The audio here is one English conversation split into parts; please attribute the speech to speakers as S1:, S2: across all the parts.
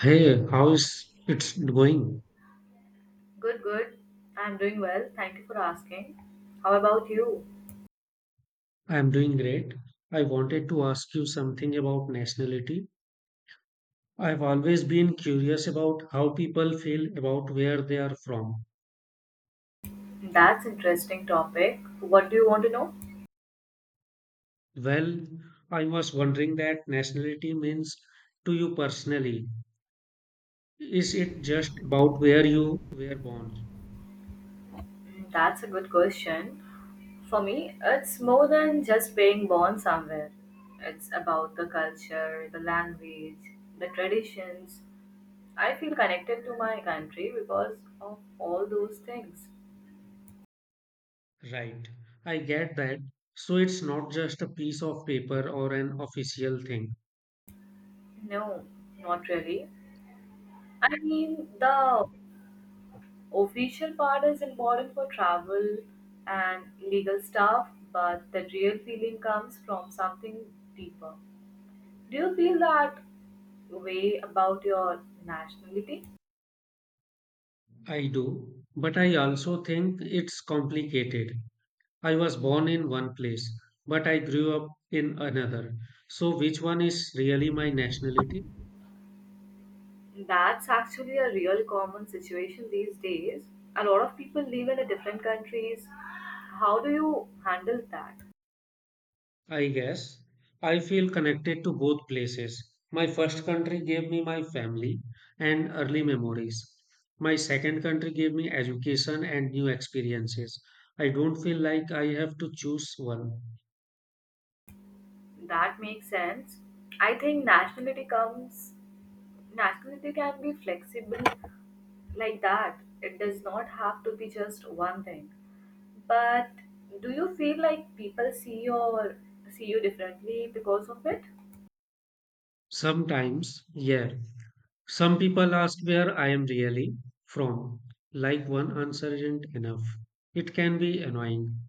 S1: Hey, how's it's going?
S2: Good, good. I'm doing well. Thank you for asking. How about you?
S1: I'm doing great. I wanted to ask you something about nationality. I've always been curious about how people feel about where they are from.
S2: That's interesting topic. What do you want to know?
S1: Well, I was wondering that nationality means to you personally. Is it just about where you were born?
S2: That's a good question. For me, it's more than just being born somewhere. It's about the culture, the language, the traditions. I feel connected to my country because of all those things.
S1: Right. I get that. So it's not just a piece of paper or an official thing.
S2: No, not really. I mean, the official part is important for travel and legal stuff, but the real feeling comes from something deeper. Do you feel that way about your nationality?
S1: I do. But I also think it's complicated. I was born in one place, but I grew up in another. So, which one is really my nationality?
S2: That's actually a real common situation these days. A lot of people live in a different countries. How do you handle that?
S1: I guess I feel connected to both places. My first country gave me my family and early memories. My second country gave me education and new experiences. I don't feel like I have to choose one.
S2: That makes sense. I think nationality can be flexible like that. It does not have to be just one thing. But do you feel like people see you or see you differently because of it?
S1: Sometimes, yeah. Some people ask where I am really from. Like one answer isn't enough. It can be annoying.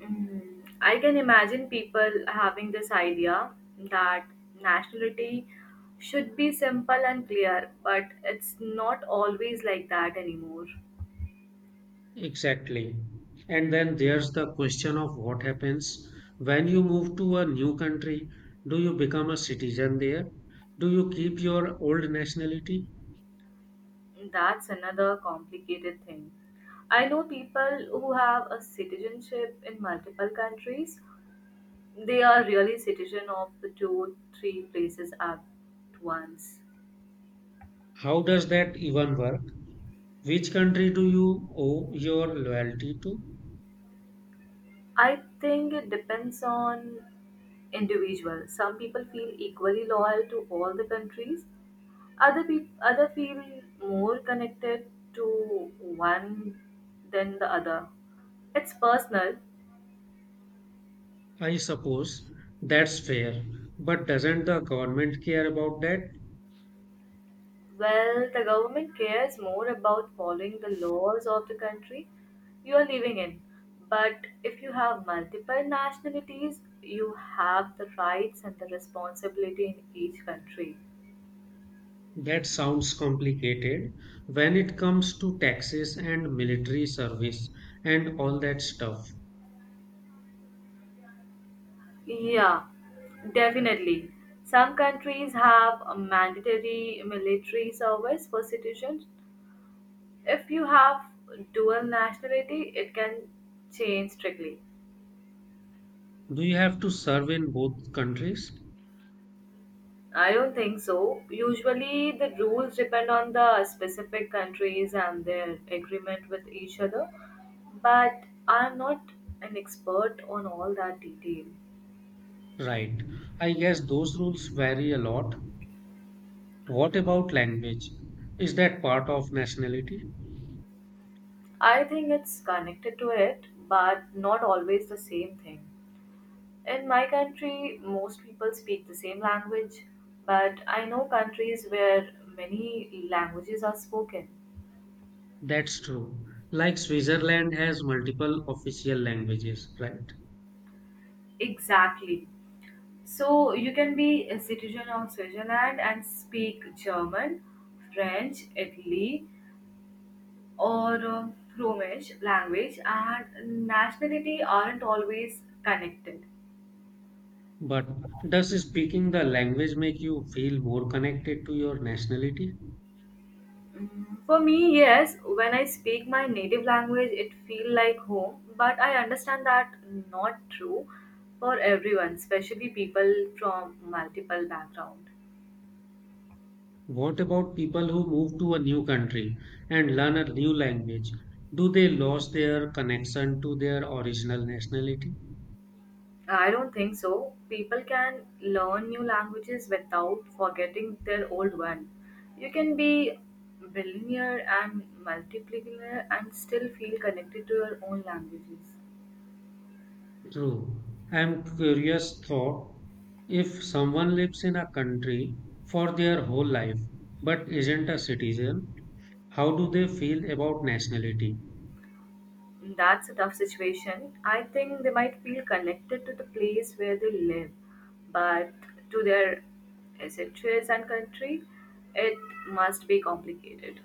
S2: I can imagine people having this idea that nationality should be simple and clear, but it's not always like that anymore.
S1: Exactly. And then there's the question of what happens when you move to a new country. Do you become a citizen there? Do you keep your old nationality?
S2: That's another complicated thing. I know people who have a citizenship in multiple countries. They are really citizen of the two, three places at once.
S1: How does that even work? Which country do you owe your loyalty to?
S2: I think it depends on individual. Some people feel equally loyal to all the countries. Other people other feel more connected to one than the other. It's personal.
S1: I suppose that's fair. But doesn't the government care about that?
S2: Well, the government cares more about following the laws of the country you are living in. But if you have multiple nationalities, you have the rights and the responsibility in each country.
S1: That sounds complicated when it comes to taxes and military service and all that stuff.
S2: Yeah, definitely. Some countries have a mandatory military service for citizens. If you have dual nationality, it can change strictly.
S1: Do you have to serve in both countries?
S2: I don't think so. Usually, the rules depend on the specific countries and their agreement with each other, but I'm not an expert on all that detail.
S1: Right. I guess those rules vary a lot. What about language? Is that part of nationality?
S2: I think it's connected to it, but not always the same thing. In my country, most people speak the same language, but I know countries where many languages are spoken.
S1: That's true. Like Switzerland has multiple official languages, right?
S2: Exactly. So you can be a citizen of Switzerland and speak German, French, Italy, or Romish language, and nationality aren't always connected.
S1: But does speaking the language make you feel more connected to your nationality?
S2: For me, yes, when I speak my native language, it feels like home, but I understand that not true for everyone, especially people from multiple backgrounds.
S1: What about people who move to a new country and learn a new language? Do they lose their connection to their original nationality?
S2: I don't think so. People can learn new languages without forgetting their old one. You can be billionaire and multipillionaire and still feel connected to your own languages.
S1: True. I'm curious thought if someone lives in a country for their whole life but isn't a citizen, how do they feel about nationality?
S2: That's a tough situation. I think they might feel connected to the place where they live, but to their essentials and country, it must be complicated.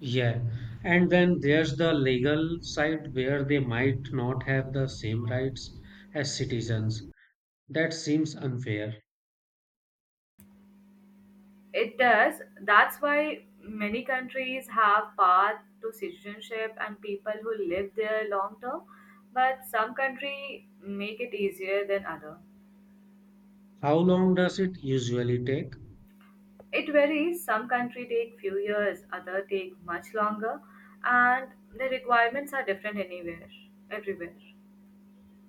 S1: Yeah. And then there's the legal side where they might not have the same rights as citizens. That seems unfair.
S2: It does. That's why many countries have path to citizenship and people who live there long term, but some country make it easier than other.
S1: How long does it usually take?
S2: It varies. Some country take few years, other take much longer, and the requirements are different anywhere, everywhere.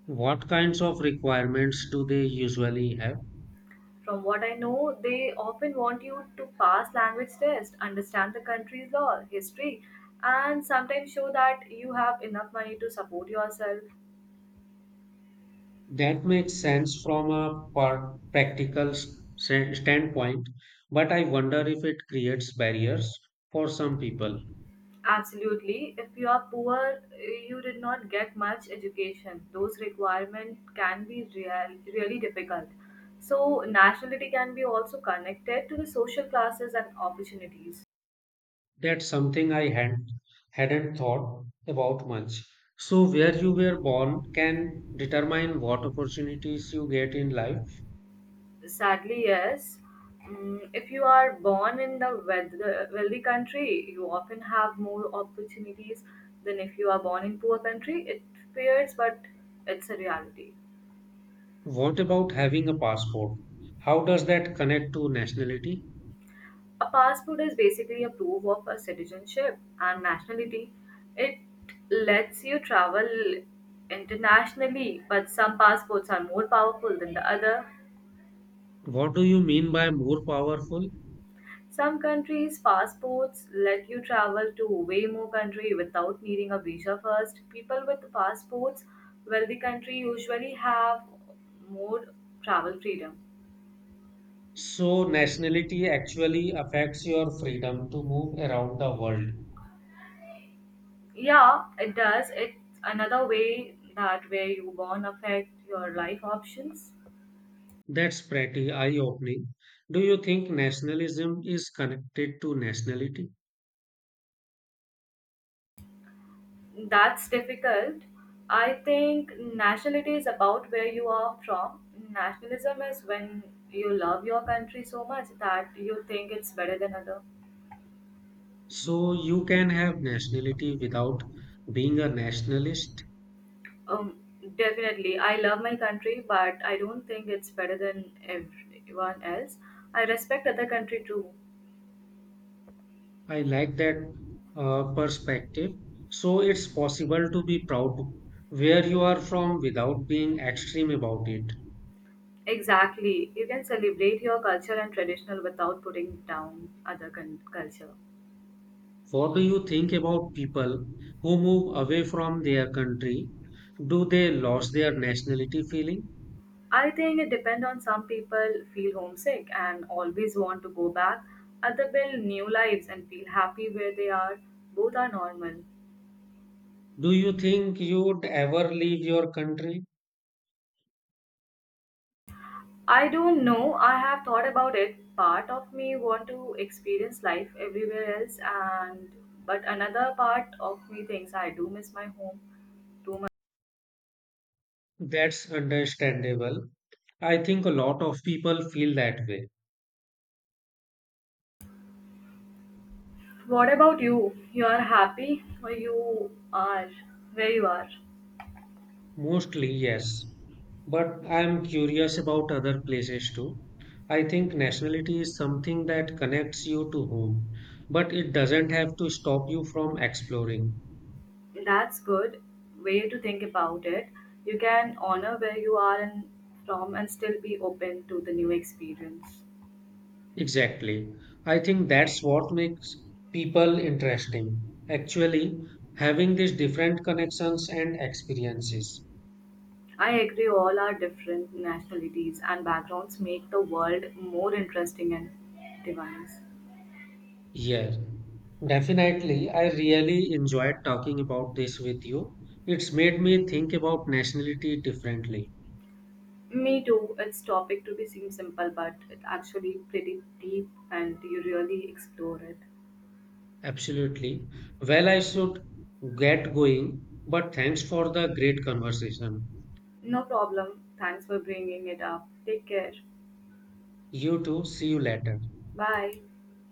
S1: What kinds of requirements do they usually have?
S2: From what I know, they often want you to pass language test, understand the country's law, history, and sometimes show that you have enough money to support yourself.
S1: That makes sense from a practical standpoint, but I wonder if it creates barriers for some people.
S2: Absolutely. If you are poor, you did not get much education. Those requirements can be real, really difficult. So, nationality can be also connected to the social classes and opportunities.
S1: That's something I hadn't, hadn't thought about much. So, where you were born can determine what opportunities you get in life.
S2: Sadly, yes. If you are born in the wealthy country, you often have more opportunities than if you are born in poor country. It fears, but it's a reality.
S1: What about having a passport? How does that connect to nationality?
S2: A passport is basically a proof of a citizenship and nationality. It lets you travel internationally, but some passports are more powerful than the other.
S1: What do you mean by more powerful?
S2: Some countries' passports let you travel to way more country without needing a visa first. People with passports, well, the country usually have more travel freedom.
S1: So, nationality actually affects your freedom to move around the world.
S2: Yeah, it does. It's another way that where you born affect your life options.
S1: That's pretty eye-opening. Do you think nationalism is connected to nationality?
S2: That's difficult. I think nationality is about where you are from. Nationalism is when you love your country so much that you think it's better than other.
S1: So you can have nationality without being a nationalist.
S2: Um, Definitely, I love my country, but I don't think it's better than everyone else. I respect other country too.
S1: I like that perspective. So it's possible to be proud where you are from without being extreme about it.
S2: Exactly. You can celebrate your culture and traditional without putting down culture.
S1: What do you think about people who move away from their country? Do they lose their nationality feeling?
S2: I think it depends on some people feel homesick and always want to go back. Other build new lives and feel happy where they are. Both are normal.
S1: Do you think you'd ever leave your country?
S2: I don't know. I have thought about it. Part of me want to experience life everywhere else and but another part of me thinks I do miss my home too much.
S1: That's understandable. I think a lot of people feel that way.
S2: What about you? You are happy or you are where you are?
S1: Mostly, yes. But I am curious about other places too. I think nationality is something that connects you to home, but it doesn't have to stop you from exploring.
S2: That's good way to think about it. You can honor where you are and from and still be open to the new experience.
S1: Exactly. I think that's what makes people interesting. Actually, having these different connections and experiences.
S2: I agree all our different nationalities and backgrounds make the world more interesting and diverse.
S1: Yes, definitely. I really enjoyed talking about this with you. It's made me think about nationality differently.
S2: Me too. It's topic to be seem simple but it's actually pretty deep and you really explore it.
S1: Absolutely. Well, I should get going, but thanks for the great conversation.
S2: No problem. Thanks for bringing it up. Take care.
S1: You too. See you later.
S2: Bye.